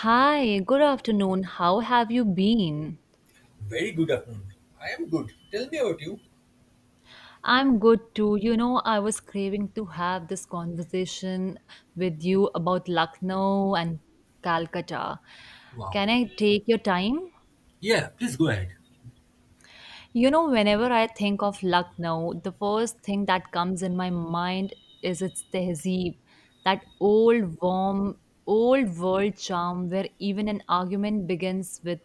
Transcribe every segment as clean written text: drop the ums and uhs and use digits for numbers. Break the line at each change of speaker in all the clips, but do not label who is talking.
Hi, good afternoon. How have you been?
Very good afternoon. I am good. Tell me about you.
I'm good too. I was craving to have this conversation with you about Lucknow and Calcutta.
Wow.
Can I take your time?
Yeah, please go ahead.
Whenever I think of Lucknow, the first thing that comes in my mind is its tehzeeb, that old, warm, old world charm where even an argument begins with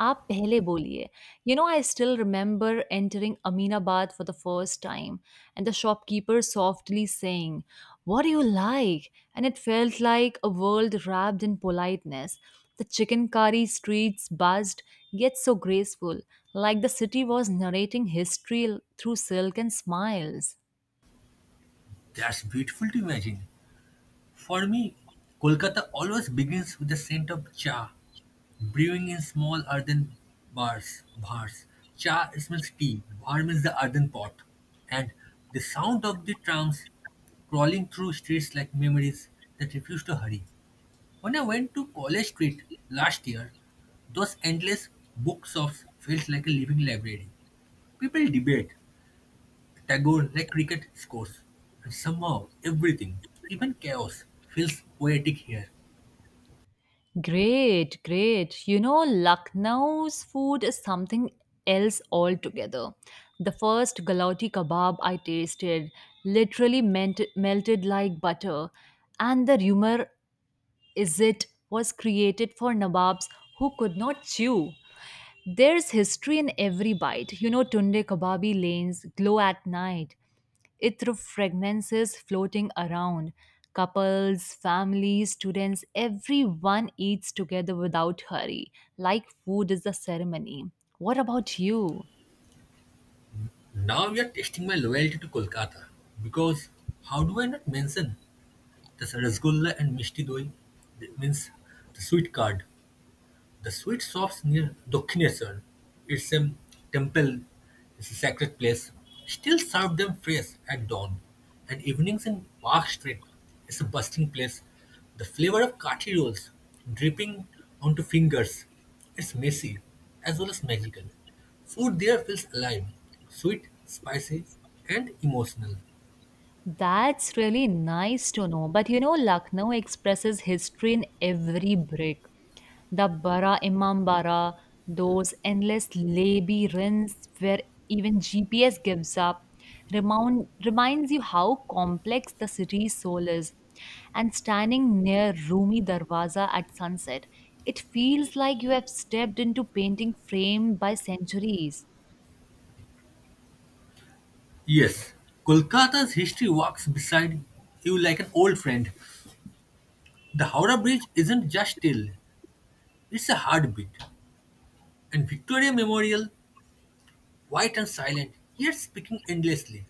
"Aap pehle boliye." I still remember entering Aminabad for the first time and the shopkeeper softly saying, "What do you like?" And it felt like a world wrapped in politeness. The chicken curry streets buzzed, yet so graceful, like the city was narrating history through silk and smiles.
That's beautiful to imagine. For me, Kolkata always begins with the scent of cha, brewing in small earthen bars. Cha is means tea, bar means the earthen pot. And the sound of the trams crawling through streets like memories that refuse to hurry. When I went to College Street last year, those endless bookshops felt like a living library. People debate Tagore like cricket scores, and somehow everything, even chaos, feels poetic here.
Great, great. Lucknow's food is something else altogether. The first galati kebab I tasted literally meant, melted like butter, and the rumor is it was created for nababs who could not chew. There's history in every bite. Tunde kababi lanes glow at night, ithru fragrances floating around. Couples, families, students, everyone eats together without hurry, like food is a ceremony. What about you?
Now you're testing my loyalty to Kolkata, because how do I not mention this rasgulla and mishti doi? That means the sweet card. The sweet shops near Dakshineshwar, its same temple, it's a sacred place, still serve them fresh at dawn, and evenings in Park Street is a bustling place. The flavor of kathi rolls dripping onto fingers, it's messy as well as magical. Food there feels alive, sweet, spicy, and emotional.
That's really nice to know. But Lucknow expresses history in every brick. The Bara Imam Bara, those endless labyrinths where even GPS gives up, reminds you how complex the city's soul is. And standing near Rumi Darwaza at sunset, it feels like you have stepped into painting frame by centuries.
Yes, Kolkata's history walks beside you like an old friend. The Howrah Bridge isn't just steel, it's a heartbeat. And Victoria Memorial, white and silent, yet speaking endlessly.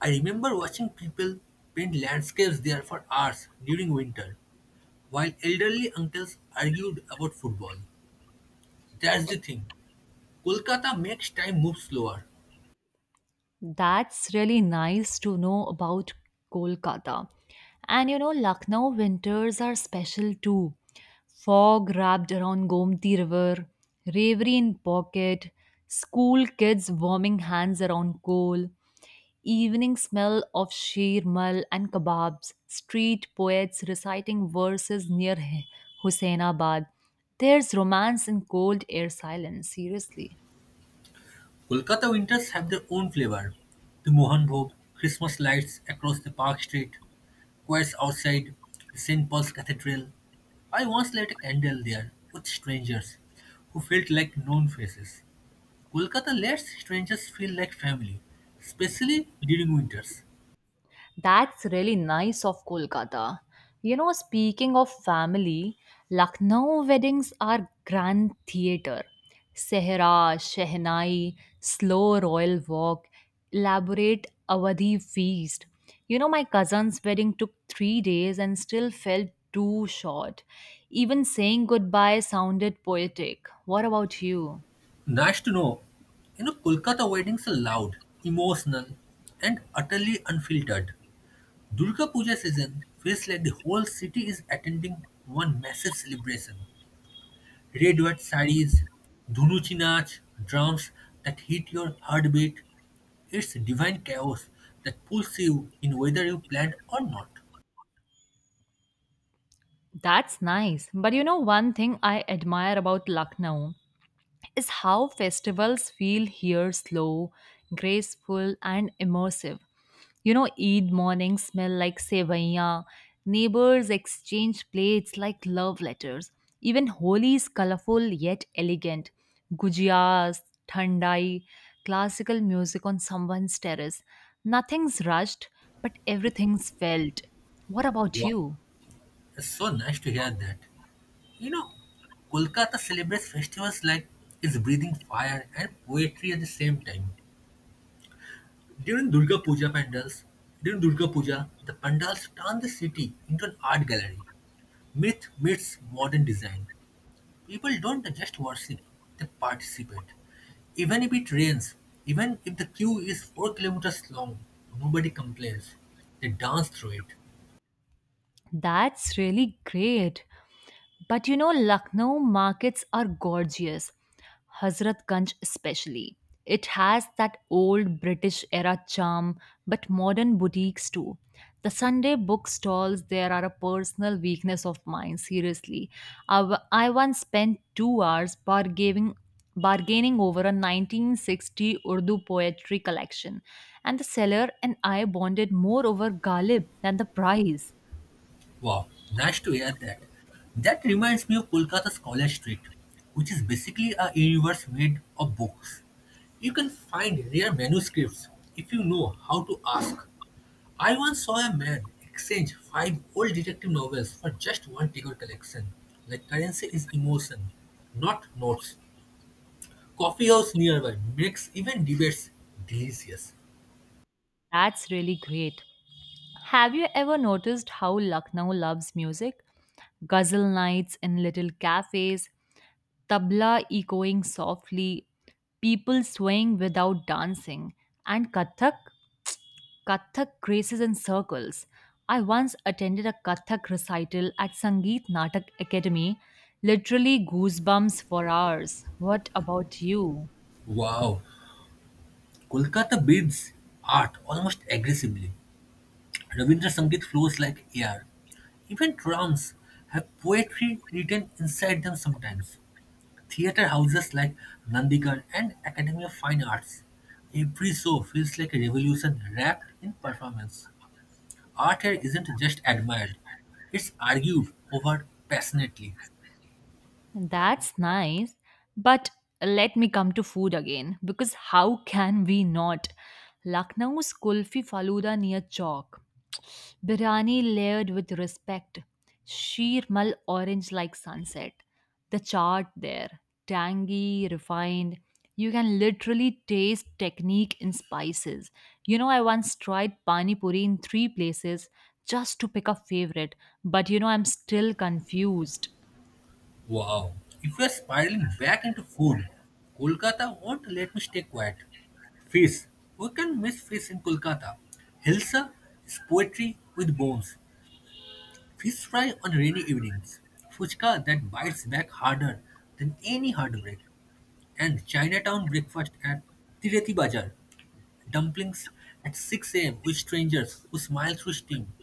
I remember watching people paint landscapes there for hours during winter, while elderly uncles argued about football. That's the thing. Kolkata makes time move slower.
That's really nice to know about Kolkata. And Lucknow winters are special too. Fog wrapped around Gomti River, reverie in pocket, school kids warming hands around coal, evening smell of sheer mal and kebabs, street poets reciting verses near Hussainabad. There's romance in cold air silence, seriously.
Kolkata winters have their own flavor. The Mohan Bhog, Christmas lights across the park street, choirs outside, St. Paul's Cathedral. I once lit a candle there with strangers who felt like known faces. Kolkata lets strangers feel like family, especially during winters.
That's really nice of Kolkata. Speaking of family, Lucknow weddings are grand theatre. Sehra, Shehnai, slow royal walk, elaborate Awadhi feast. My cousin's wedding took 3 days and still felt too short. Even saying goodbye sounded poetic. What about you?
Nice to know. You know, Kolkata weddings are loud, emotional, and utterly unfiltered. Durga Puja season feels like the whole city is attending one massive celebration. Red white sari's, dhunuchi naach, drums that hit your heartbeat. It's divine chaos that pulls you in whether you planned or not.
That's nice. But one thing I admire about Lucknow is how festivals feel here slow, graceful, and immersive. Eid mornings smell like sevaiya, neighbors exchange plates like love letters, even Holi is colorful yet elegant, gujiyas, thandai, classical music on someone's terrace. Nothing's rushed, but everything's felt. What about
Wow,
you?
it's so nice to hear that. You know, Kolkata celebrates festivals like it's breathing fire and poetry at the same time. During Durga Puja pandals, During Durga Puja, the pandals turn the city into an art gallery. Myth meets modern design. People don't just worship, they participate. Even if it rains, even if the queue is 4 kilometers long, nobody complains. They dance through it.
That's really great. But Lucknow markets are gorgeous, Hazratganj especially. It has that old British era charm, but modern boutiques too. The Sunday book stalls there are a personal weakness of mine, seriously. I once spent 2 hours bargaining over a 1960 Urdu poetry collection, and the seller and I bonded more over Ghalib than the price.
Wow, nice to hear that. That reminds me of Kolkata's College Street, which is basically a universe made of books. You can find rare manuscripts if you know how to ask. I once saw a man exchange five old detective novels for just one Tigger collection. Like currency is emotion, not notes. Coffee house nearby makes even debates delicious.
That's really great. Have you ever noticed how Lucknow loves music? Ghazal nights in little cafes, tabla echoing softly, people swaying without dancing, and Kathak graces in circles. I once attended a Kathak recital at Sangeet Natak Academy, literally goosebumps for hours. What about you?
Wow, Kolkata breathes art almost aggressively. Ravindra Sangeet flows like air. Even drums have poetry written inside them sometimes. Theatre houses like Nandigarh and Academy of Fine Arts. Every show feels like a revolution wrapped in performance. Art here isn't just admired, it's argued over passionately.
That's nice. But let me come to food again because how can we not? Lucknow's Kulfi Faluda near Chowk, biryani layered with respect, sheer mal orange like sunset. The chart there, tangy, refined. You can literally taste technique in spices. I once tried pani puri in three places just to pick a favorite, but I'm still confused.
Wow. If we are spiraling back into food, Kolkata won't let me stay quiet. Fish. We can miss fish in Kolkata. Hilsa is poetry with bones. Fish fry on rainy evenings, fuchka that bites back harder than any heartbreak, and Chinatown breakfast at Tireti Bazaar, dumplings at 6 a.m. with strangers who smile through steam.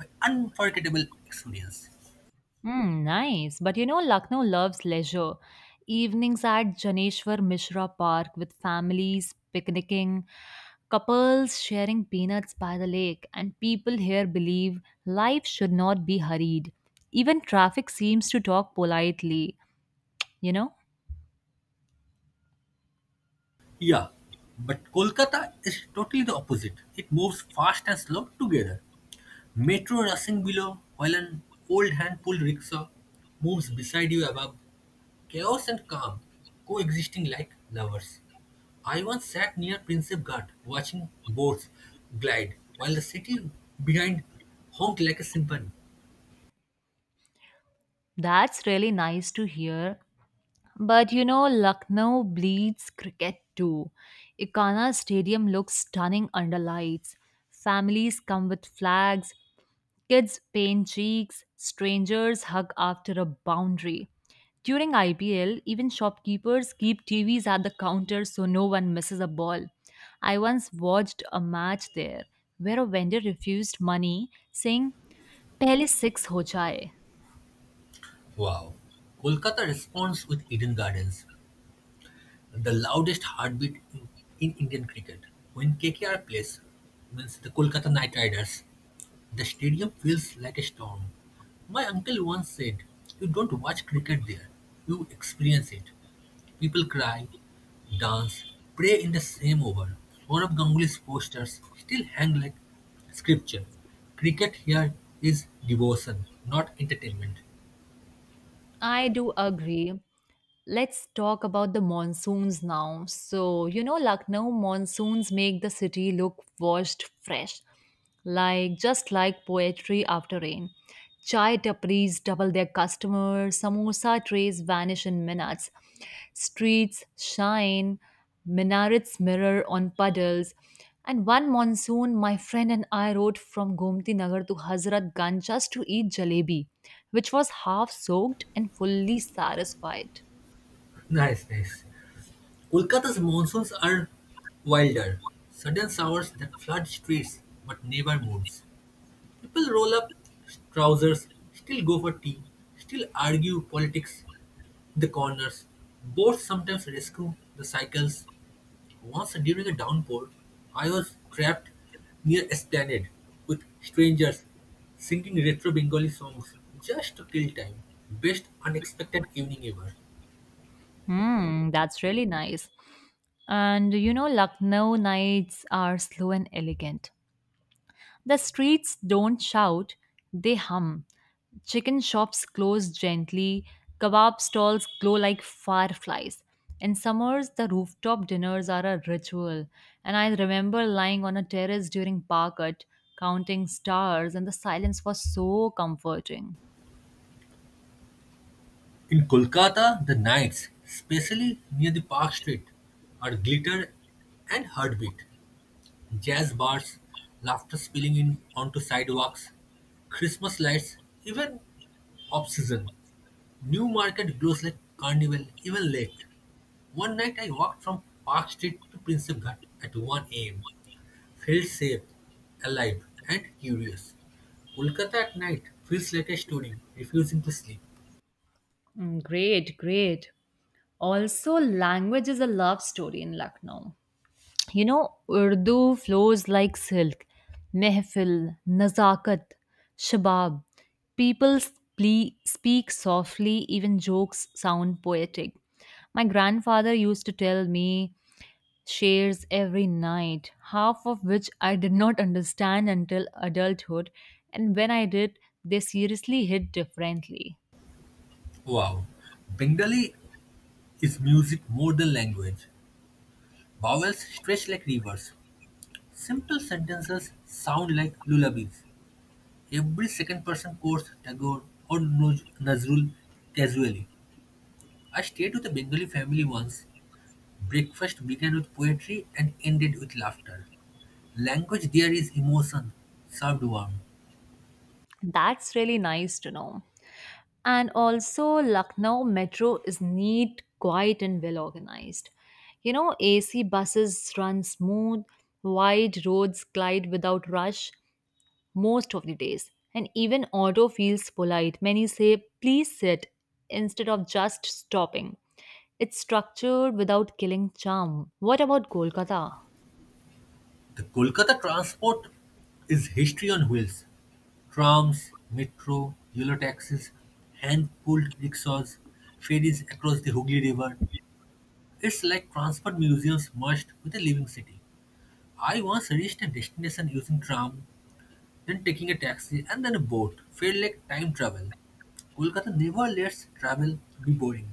An unforgettable experience.
Hmm, nice. But Lucknow loves leisure. Evenings at Janeshwar Mishra Park with families picnicking, couples sharing peanuts by the lake, and people here believe life should not be hurried. Even traffic seems to talk politely. You know,
Yeah, but Kolkata is totally the opposite. It moves fast and slow together. Metro rushing below while an old hand-pulled rickshaw moves beside you, above chaos and calm coexisting like lovers. I once sat near Prinsep Ghat watching boats glide while the city behind honked like a symphony.
that's really nice to hear. But Lucknow bleeds cricket too. Ikana Stadium looks stunning under lights. Families come with flags, kids paint cheeks, strangers hug after a boundary. During IPL, even shopkeepers keep TVs at the counter so no one misses a ball. I once watched a match there where a vendor refused money, saying, Pehle six ho jaye.
Wow. Kolkata responds with Eden Gardens, the loudest heartbeat in Indian cricket. When KKR plays, means the Kolkata Knight Riders, the stadium feels like a storm. My uncle once said, "You don't watch cricket there, you experience it." People cry, dance, pray in the same over. Sourav Ganguly's posters still hang like scripture. Cricket here is devotion, not entertainment.
I do agree. Let's talk about the monsoons now. So, Lucknow monsoons make the city look washed fresh, like just like poetry after rain. Chai tapris double their customers, samosa trays vanish in minutes, streets shine, minarets mirror on puddles. And one monsoon, my friend and I rode from Gomti Nagar to Hazrat Ganj just to eat jalebi, which was half soaked and fully satisfied.
Nice, nice. Kolkata's monsoons are wilder. Sudden showers that flood streets but never moods. People roll up trousers, still go for tea, still argue politics in the corners. Boats sometimes rescue the cycles. Once during a downpour, I was trapped near esplanade with strangers singing retro Bengali songs just to kill time. Best unexpected evening ever.
Hmm, that's really nice. And Lucknow nights are slow and elegant. The streets don't shout, they hum. Chicken shops close gently, kebab stalls glow like fireflies. In summers, the rooftop dinners are a ritual. And I remember lying on a terrace during Parkat, counting stars, and the silence was so comforting.
In Kolkata, the nights, especially near the Park Street, are glitter and heartbeat. Jazz bars, laughter spilling in onto sidewalks, Christmas lights, even off-season. New market glows like carnival, even late. One night I walked from Park Street to Prinsep Ghat at 1 a.m., felt safe, alive, and curious. Kolkata at night feels like a story, refusing to sleep.
Mm, great, great. Also, language is a love story in Lucknow. Urdu flows like silk. Mehfil, nazakat, shabab. People speak softly, even jokes sound poetic. My grandfather used to tell me shares every night, half of which I did not understand until adulthood, and when I did, they seriously hit differently.
Wow, Bengali is music more than language. Vowels stretch like rivers. Simple sentences sound like lullabies. Every second person quotes Tagore or Nazrul casually. I stayed with a Bengali family once. Breakfast began with poetry and ended with laughter. Language there is emotion, served warm.
That's really nice to know. And also, Lucknow metro is neat, quiet, and well organized. AC buses run smooth, wide roads glide without rush most of the days. And even auto feels polite. Many say, please sit instead of just stopping. It's structured without killing charm. What about Kolkata?
The Kolkata transport is history on wheels. Trams, metro, yellow taxis, hand-pulled rickshaws, ferries across the Hooghly River. It's like transport museums merged with a living city. I once reached a destination using tram, then taking a taxi and then a boat. Felt like time travel. Kolkata never lets travel be boring.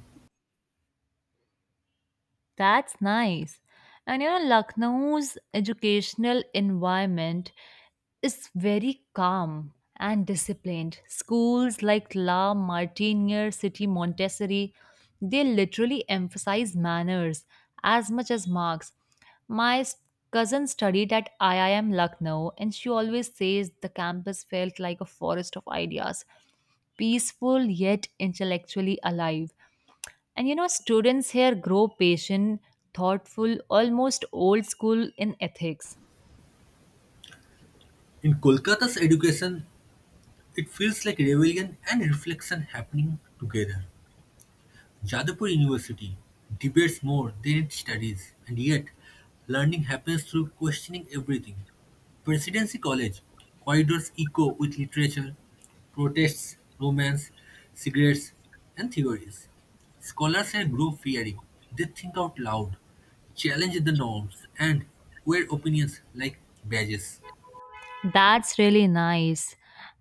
That's nice. And Lucknow's educational environment is very calm and disciplined. Schools like La Martiniere City Montessori, they literally emphasize manners as much as marks. My cousin studied at IIM Lucknow, and she always says the campus felt like a forest of ideas, peaceful yet intellectually alive. And students here grow patient, thoughtful, almost old school in ethics.
In Kolkata's education, it feels like rebellion and reflection happening together. Jadavpur University debates more than it studies, and yet learning happens through questioning everything. Presidency College corridors echo with literature, protests, romance, cigarettes, and theories. Scholars are grow fearing. They think out loud, challenge the norms, and wear opinions like badges.
That's really nice.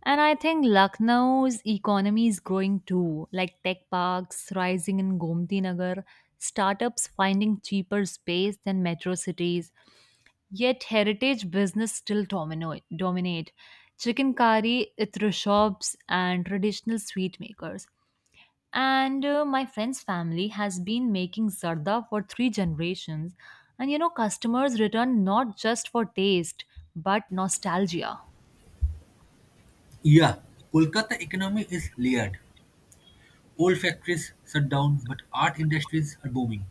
And I think Lucknow's economy is growing too, like tech parks rising in Gomti Nagar, startups finding cheaper space than metro cities, yet heritage business still dominate. Chicken curry, itra shops, and traditional sweet makers. And my friend's family has been making zarda for three generations, and customers return not just for taste but nostalgia.
Yeah, Kolkata economy is layered. Old factories shut down but art industries are booming.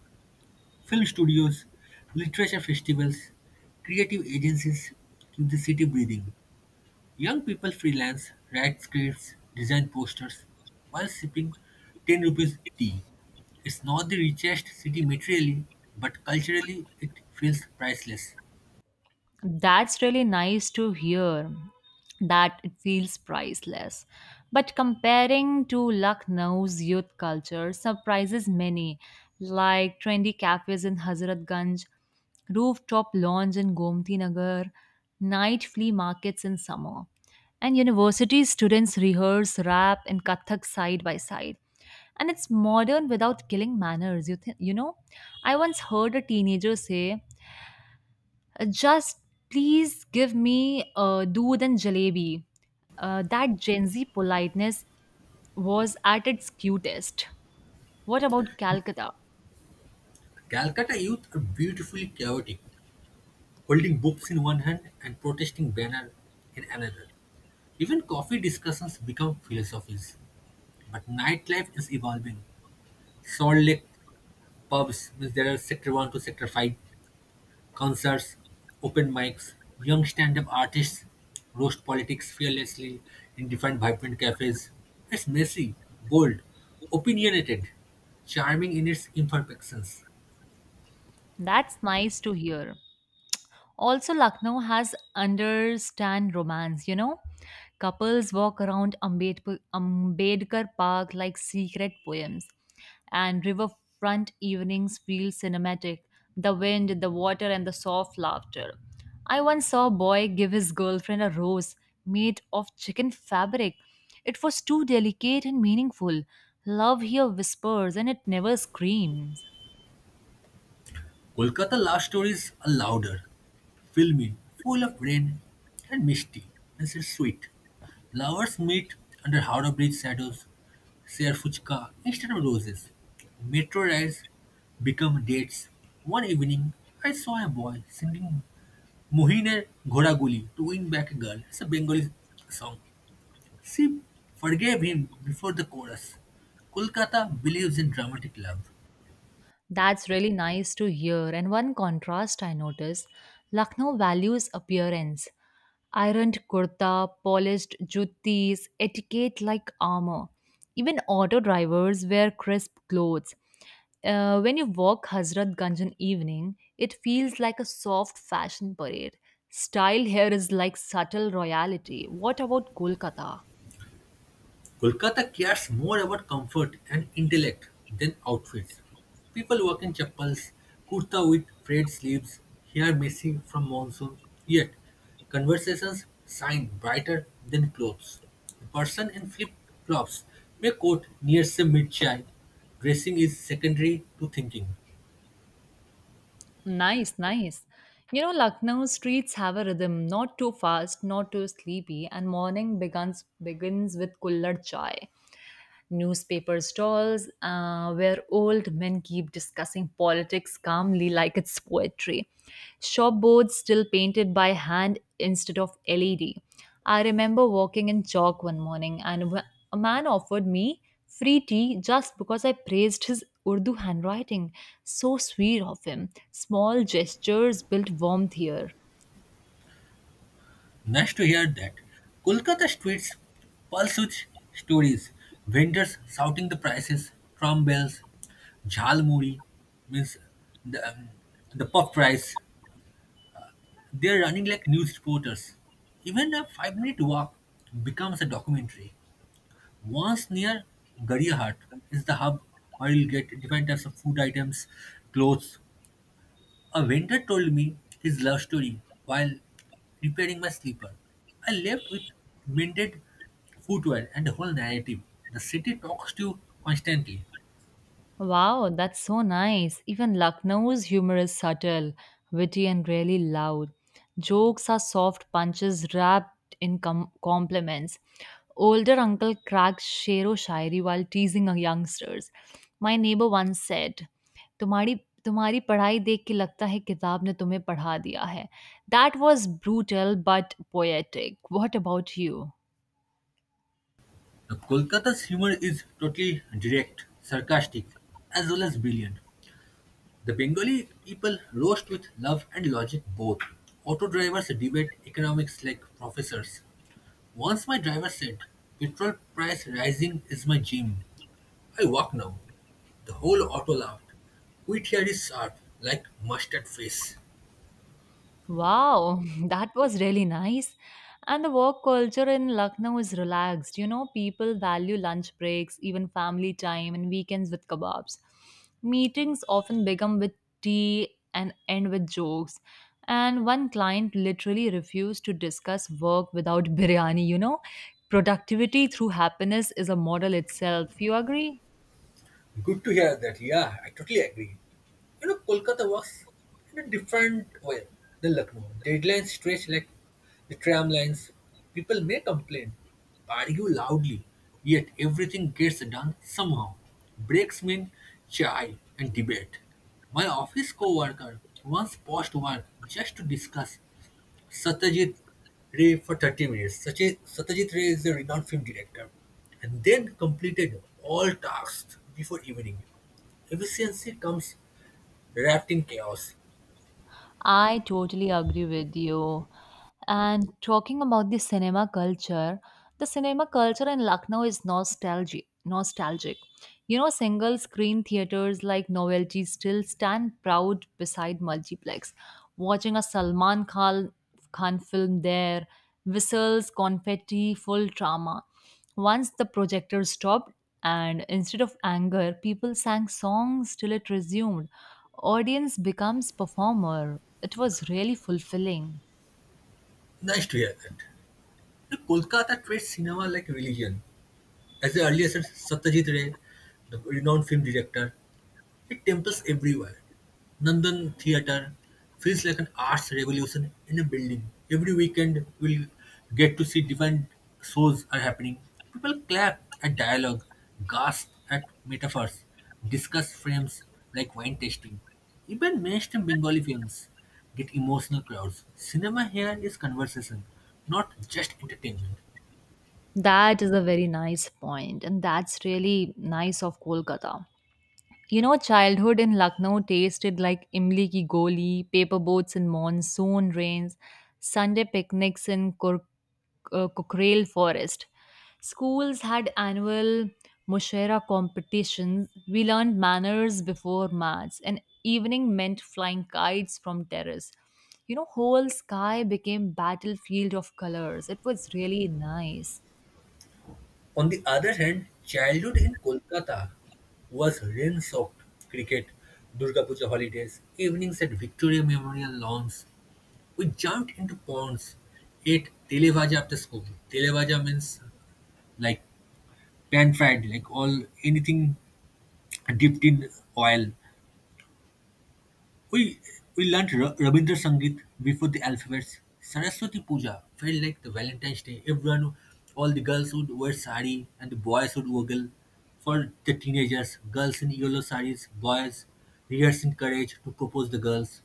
Film studios, literature festivals, creative agencies keep the city breathing. Young people freelance, write scripts, design posters while sipping 10 rupees tea. It's not the richest city materially, but culturally it feels priceless.
That's really nice to hear that it feels priceless. But comparing to Lucknow's youth culture surprises many, like trendy cafes in Hazratganj, rooftop lounge in Gomti Nagar, night flea markets in summer, and university students rehearse rap and Kathak side by side. And it's modern without killing manners, you know? I once heard a teenager say, just please give me doodh and jalebi. That Gen Z politeness was at its cutest. What about Calcutta?
Calcutta youth are beautifully chaotic, holding books in one hand and protesting banner in another. Even coffee discussions become philosophies. But nightlife is evolving. Salt-Lake pubs means there are sector one to sector five concerts, open mics, young stand-up artists roast politics fearlessly in different vibrant cafes. It's messy, bold, opinionated, charming in its imperfections.
That's nice to hear. Also, Lucknow has understand romance, you know? Couples walk around Ambedkar Park like secret poems, and riverfront evenings feel cinematic, the wind, the water, and the soft laughter. I once saw a boy give his girlfriend a rose made of chicken fabric. It was too delicate and meaningful. Love here whispers and it never screams.
Kolkata love stories are louder, filmy, full of rain and misty, and so sweet. Lovers meet under Howrah Bridge shadows, share fuchka instead of roses. Metro rides become dates. One evening, I saw a boy singing Mohine Ghoraguli to win back a girl. It's a Bengali song. She forgave him before the chorus. Kolkata believes in dramatic love.
That's really nice to hear. And one contrast I noticed, Lucknow values appearance. Ironed kurta, polished juttis, etiquette like armor. Even auto drivers wear crisp clothes. When you walk Hazrat Ganj in evening, it feels like a soft fashion parade. Style here is like subtle royalty. What about Kolkata?
Kolkata cares more about comfort and intellect than outfits. People walk in chappals, kurta with frayed sleeves, hair messy from monsoon, yet conversations shine brighter than clothes. A person in flip flops may quote near mid chai. Dressing is secondary to thinking.
Nice, nice. Lucknow streets have a rhythm, not too fast, not too sleepy, and morning begins with kullad chai newspaper stalls, where old men keep discussing politics calmly like it's poetry. Shopboards still painted by hand instead of LED. I remember walking in chalk one morning and a man offered me free tea just because I praised his Urdu handwriting. So sweet of him. Small gestures built warmth here.
Nice to hear that. Kolkata streets pulse with stories. Vendors shouting the prices, drum bells, jhalmuri means the, um, the puff price. They're running like news reporters. Even a five-minute walk becomes a documentary. Once near Gariahat is the hub where you'll get different types of food items, clothes, a vendor told me his love story while repairing my sleeper. I left with mended footwear and the whole narrative. The city talks to you constantly.
Wow, that's so nice. Even Lucknow's humor is subtle, witty, and really loud. Jokes are soft punches wrapped in compliments. Older uncle cracks shero shairi while teasing our youngsters. My neighbor once said, तुम्हारी तुम्हारी पढ़ाई देख के लगता है किताब ने तुम्हें पढ़ा दिया है. That was brutal but poetic. What about you?
The Kolkata's humor is totally direct, sarcastic, as well as brilliant. The Bengali people roast with love and logic both. Auto drivers debate economics like professors. Once my driver said, "Petrol price rising is my gym. I walk now." The whole auto laughed. Whittier is sharp, like mustard face.
Wow, that was really nice. And the work culture in Lucknow is relaxed. People value lunch breaks, even family time, and weekends with kebabs. Meetings often begin with tea and end with jokes. And one client literally refused to discuss work without biryani. Productivity through happiness is a model itself. You agree?
Good to hear that. Yeah, I totally agree. You know, Kolkata works in a different way than Lucknow. Deadlines stretch like the tram lines. People may complain, argue loudly, yet everything gets done somehow. Breaks mean chai and debate. My office co-worker once paused work just to discuss Satyajit Ray for 30 minutes. Satyajit Ray is a renowned film director, and then completed all tasks before evening. Efficiency comes wrapped in chaos.
I totally agree with you. And talking about the cinema culture in Lucknow is nostalgic. Nostalgic. Single screen theaters like Novelty still stand proud beside multiplex. Watching a Khan film there, whistles, confetti, full drama. Once the projector stopped, and instead of anger, people sang songs till it resumed, audience becomes performer, it was really fulfilling.
Nice to hear that. The Kolkata treats cinema like religion. As the earliest as Satyajit Ray, the renowned film director, it temples everywhere. Nandan Theatre feels like an arts revolution in a building. Every weekend we'll get to see different shows are happening. People clap at dialogue, gasp at metaphors, discuss frames like wine tasting. Even mainstream Bengali films get emotional crowds. Cinema here is conversation, not just entertainment.
That is a very nice point and that's really nice of Kolkata. Childhood in Lucknow tasted like imli ki goli, paper boats in monsoon rains, Sunday picnics in Kukrail forest. Schools had annual Mushera competitions. We learned manners before maths, and evening meant flying kites from terrace. Whole sky became battlefield of colors. It was really nice.
On the other hand, childhood in Kolkata was rain-soaked cricket, Durga Puja holidays, evenings at Victoria Memorial lawns. We jumped into ponds, ate tele bhaja after school. Tele means like pan fried, like all anything dipped in oil. We we learned Rabindra Sangeet before the alphabets. Saraswati Puja felt like the Valentine's Day. Everyone, all the girls would wear sari and the boys would woggle. For the teenagers, girls in yellow saris, boys rehearsing courage to propose the girls.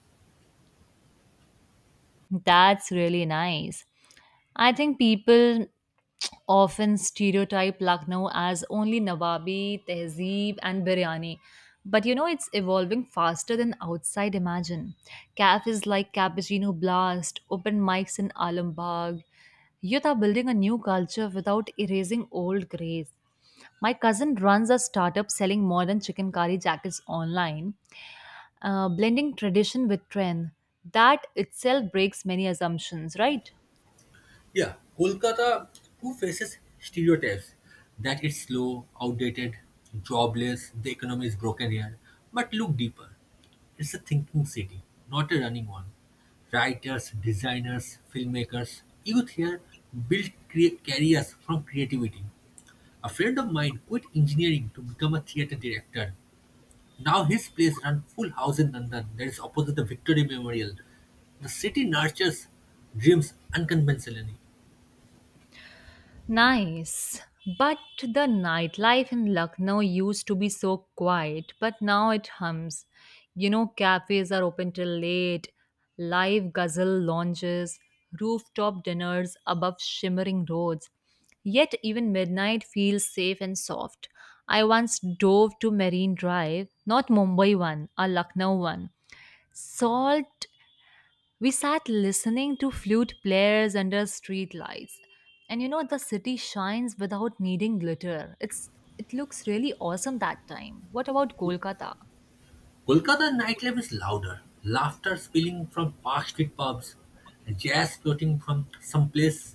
That's really nice. I think people often stereotype Lucknow as only Nawabi, Tehzeeb, and biryani. But it's evolving faster than outside imagine. Cafes like Cappuccino Blast, open mics in Alambagh. Youth are building a new culture without erasing old grace. My cousin runs a startup selling modern chicken curry jackets online, blending tradition with trend. That itself breaks many assumptions, right?
Yeah, Kolkata who faces stereotypes that it's slow, outdated, jobless, the economy is broken here. But look deeper. It's a thinking city, not a running one. Writers, designers, filmmakers, youth here build careers from creativity. A friend of mine quit engineering to become a theater director. Now his place runs full house in Nandan, that is opposite the Victory Memorial. The city nurtures dreams unconventionally.
Nice. But the nightlife in Lucknow used to be so quiet, but now it hums. Cafes are open till late, live gazelle lounges, rooftop dinners above shimmering roads. Yet even midnight feels safe and soft. I once dove to Marine Drive, not Mumbai one, a Lucknow one. Salt we sat listening to flute players under street lights. And the city shines without needing glitter. It looks really awesome that time. What about Kolkata?
Kolkata nightlife is louder, laughter spilling from far street pubs, jazz floating from someplace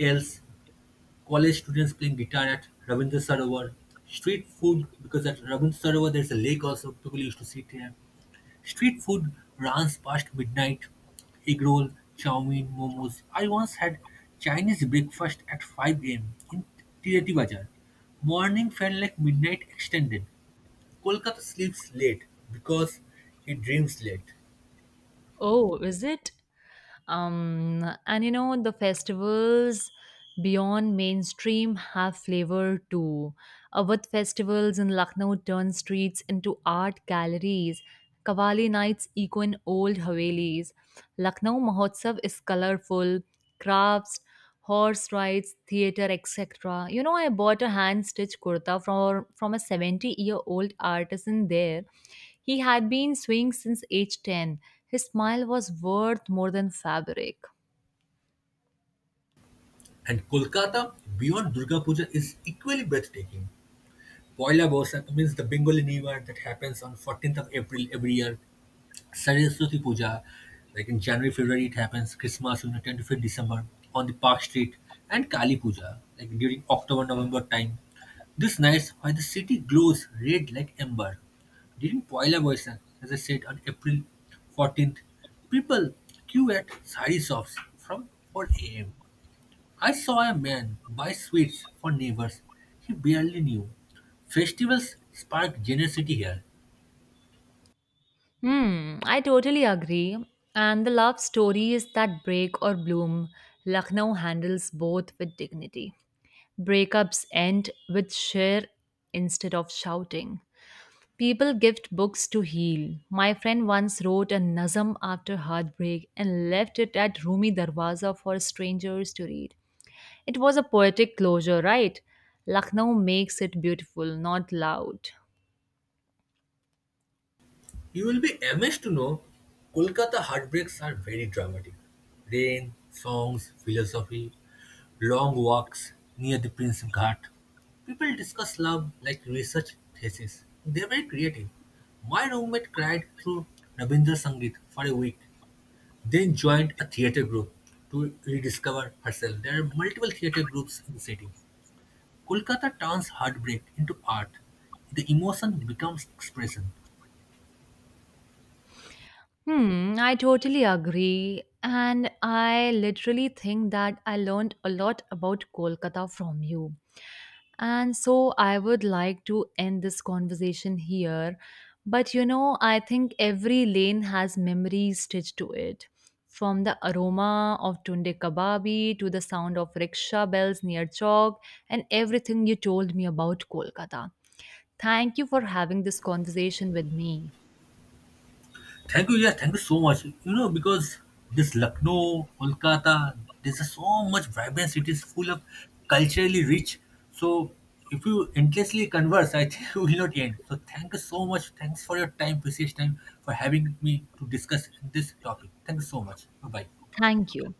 else, college students playing guitar at Ravindra Sarovar, street food, because at Ravindra Sarovar there's a lake also, people used to sit here. Street food runs past midnight, egg roll, chow mein, momos. I once had Chinese breakfast at 5 a.m. in Tirati Bazaar. Morning felt like midnight extended. Kolkata sleeps late because it dreams late.
Oh, is it? And the festivals beyond mainstream have flavor too. Awadh festivals in Lucknow turn streets into art galleries. Kavali nights echo in old Havelis. Lucknow Mahotsav is colorful, crafts, horse rides, theater, etc. I bought a hand stitched kurta from a 70-year-old artisan there. He had been sewing since age 10. His smile was worth more than fabric.
And Kolkata beyond Durga Puja is equally breathtaking. Poila Boishakh means the Bengali New Year that happens on 14th of April every year. Saraswati Puja, like in January, February it happens, Christmas, you know, 10th December on the Park Street, and Kali Puja, like during October, November time. These nights, why the city glows red like amber, during Poila Boysak, as I said, on April 14th, people queue at sari shops from 4 a.m. I saw a man buy sweets for neighbors he barely knew. Festivals spark generosity here.
Hmm, I totally agree. And the love stories that break or bloom, Lucknow handles both with dignity. Breakups end with share instead of shouting. People gift books to heal. My friend once wrote a nazm after heartbreak and left it at Rumi Darwaza for strangers to read. It was a poetic closure, right? Lucknow makes it beautiful, not loud.
You will be amazed to know Kolkata heartbreaks are very dramatic. Rain, songs, philosophy, long walks near the Prince Ghat. People discuss love like research thesis. They're very creative. My roommate cried through Rabindra Sangeet for a week, then joined a theatre group to rediscover herself. There are multiple theatre groups in the city. Kolkata turns heartbreak into art. The emotion becomes expression.
Hmm, I totally agree. And I literally think that I learned a lot about Kolkata from you. And so I would like to end this conversation here. But I think every lane has memories stitched to it. From the aroma of tunde kababi to the sound of rickshaw bells near Chowk and everything you told me about Kolkata. Thank you for having this conversation with me.
Thank you, yeah, thank you so much. You know, because this Lucknow, Kolkata, there's just so much vibrant cities full of culturally rich. So if you endlessly converse, I think we will not end. So thank you so much. Thanks for your time, precious time, for having me to discuss this topic. Thank you so much. Bye bye.
Thank you.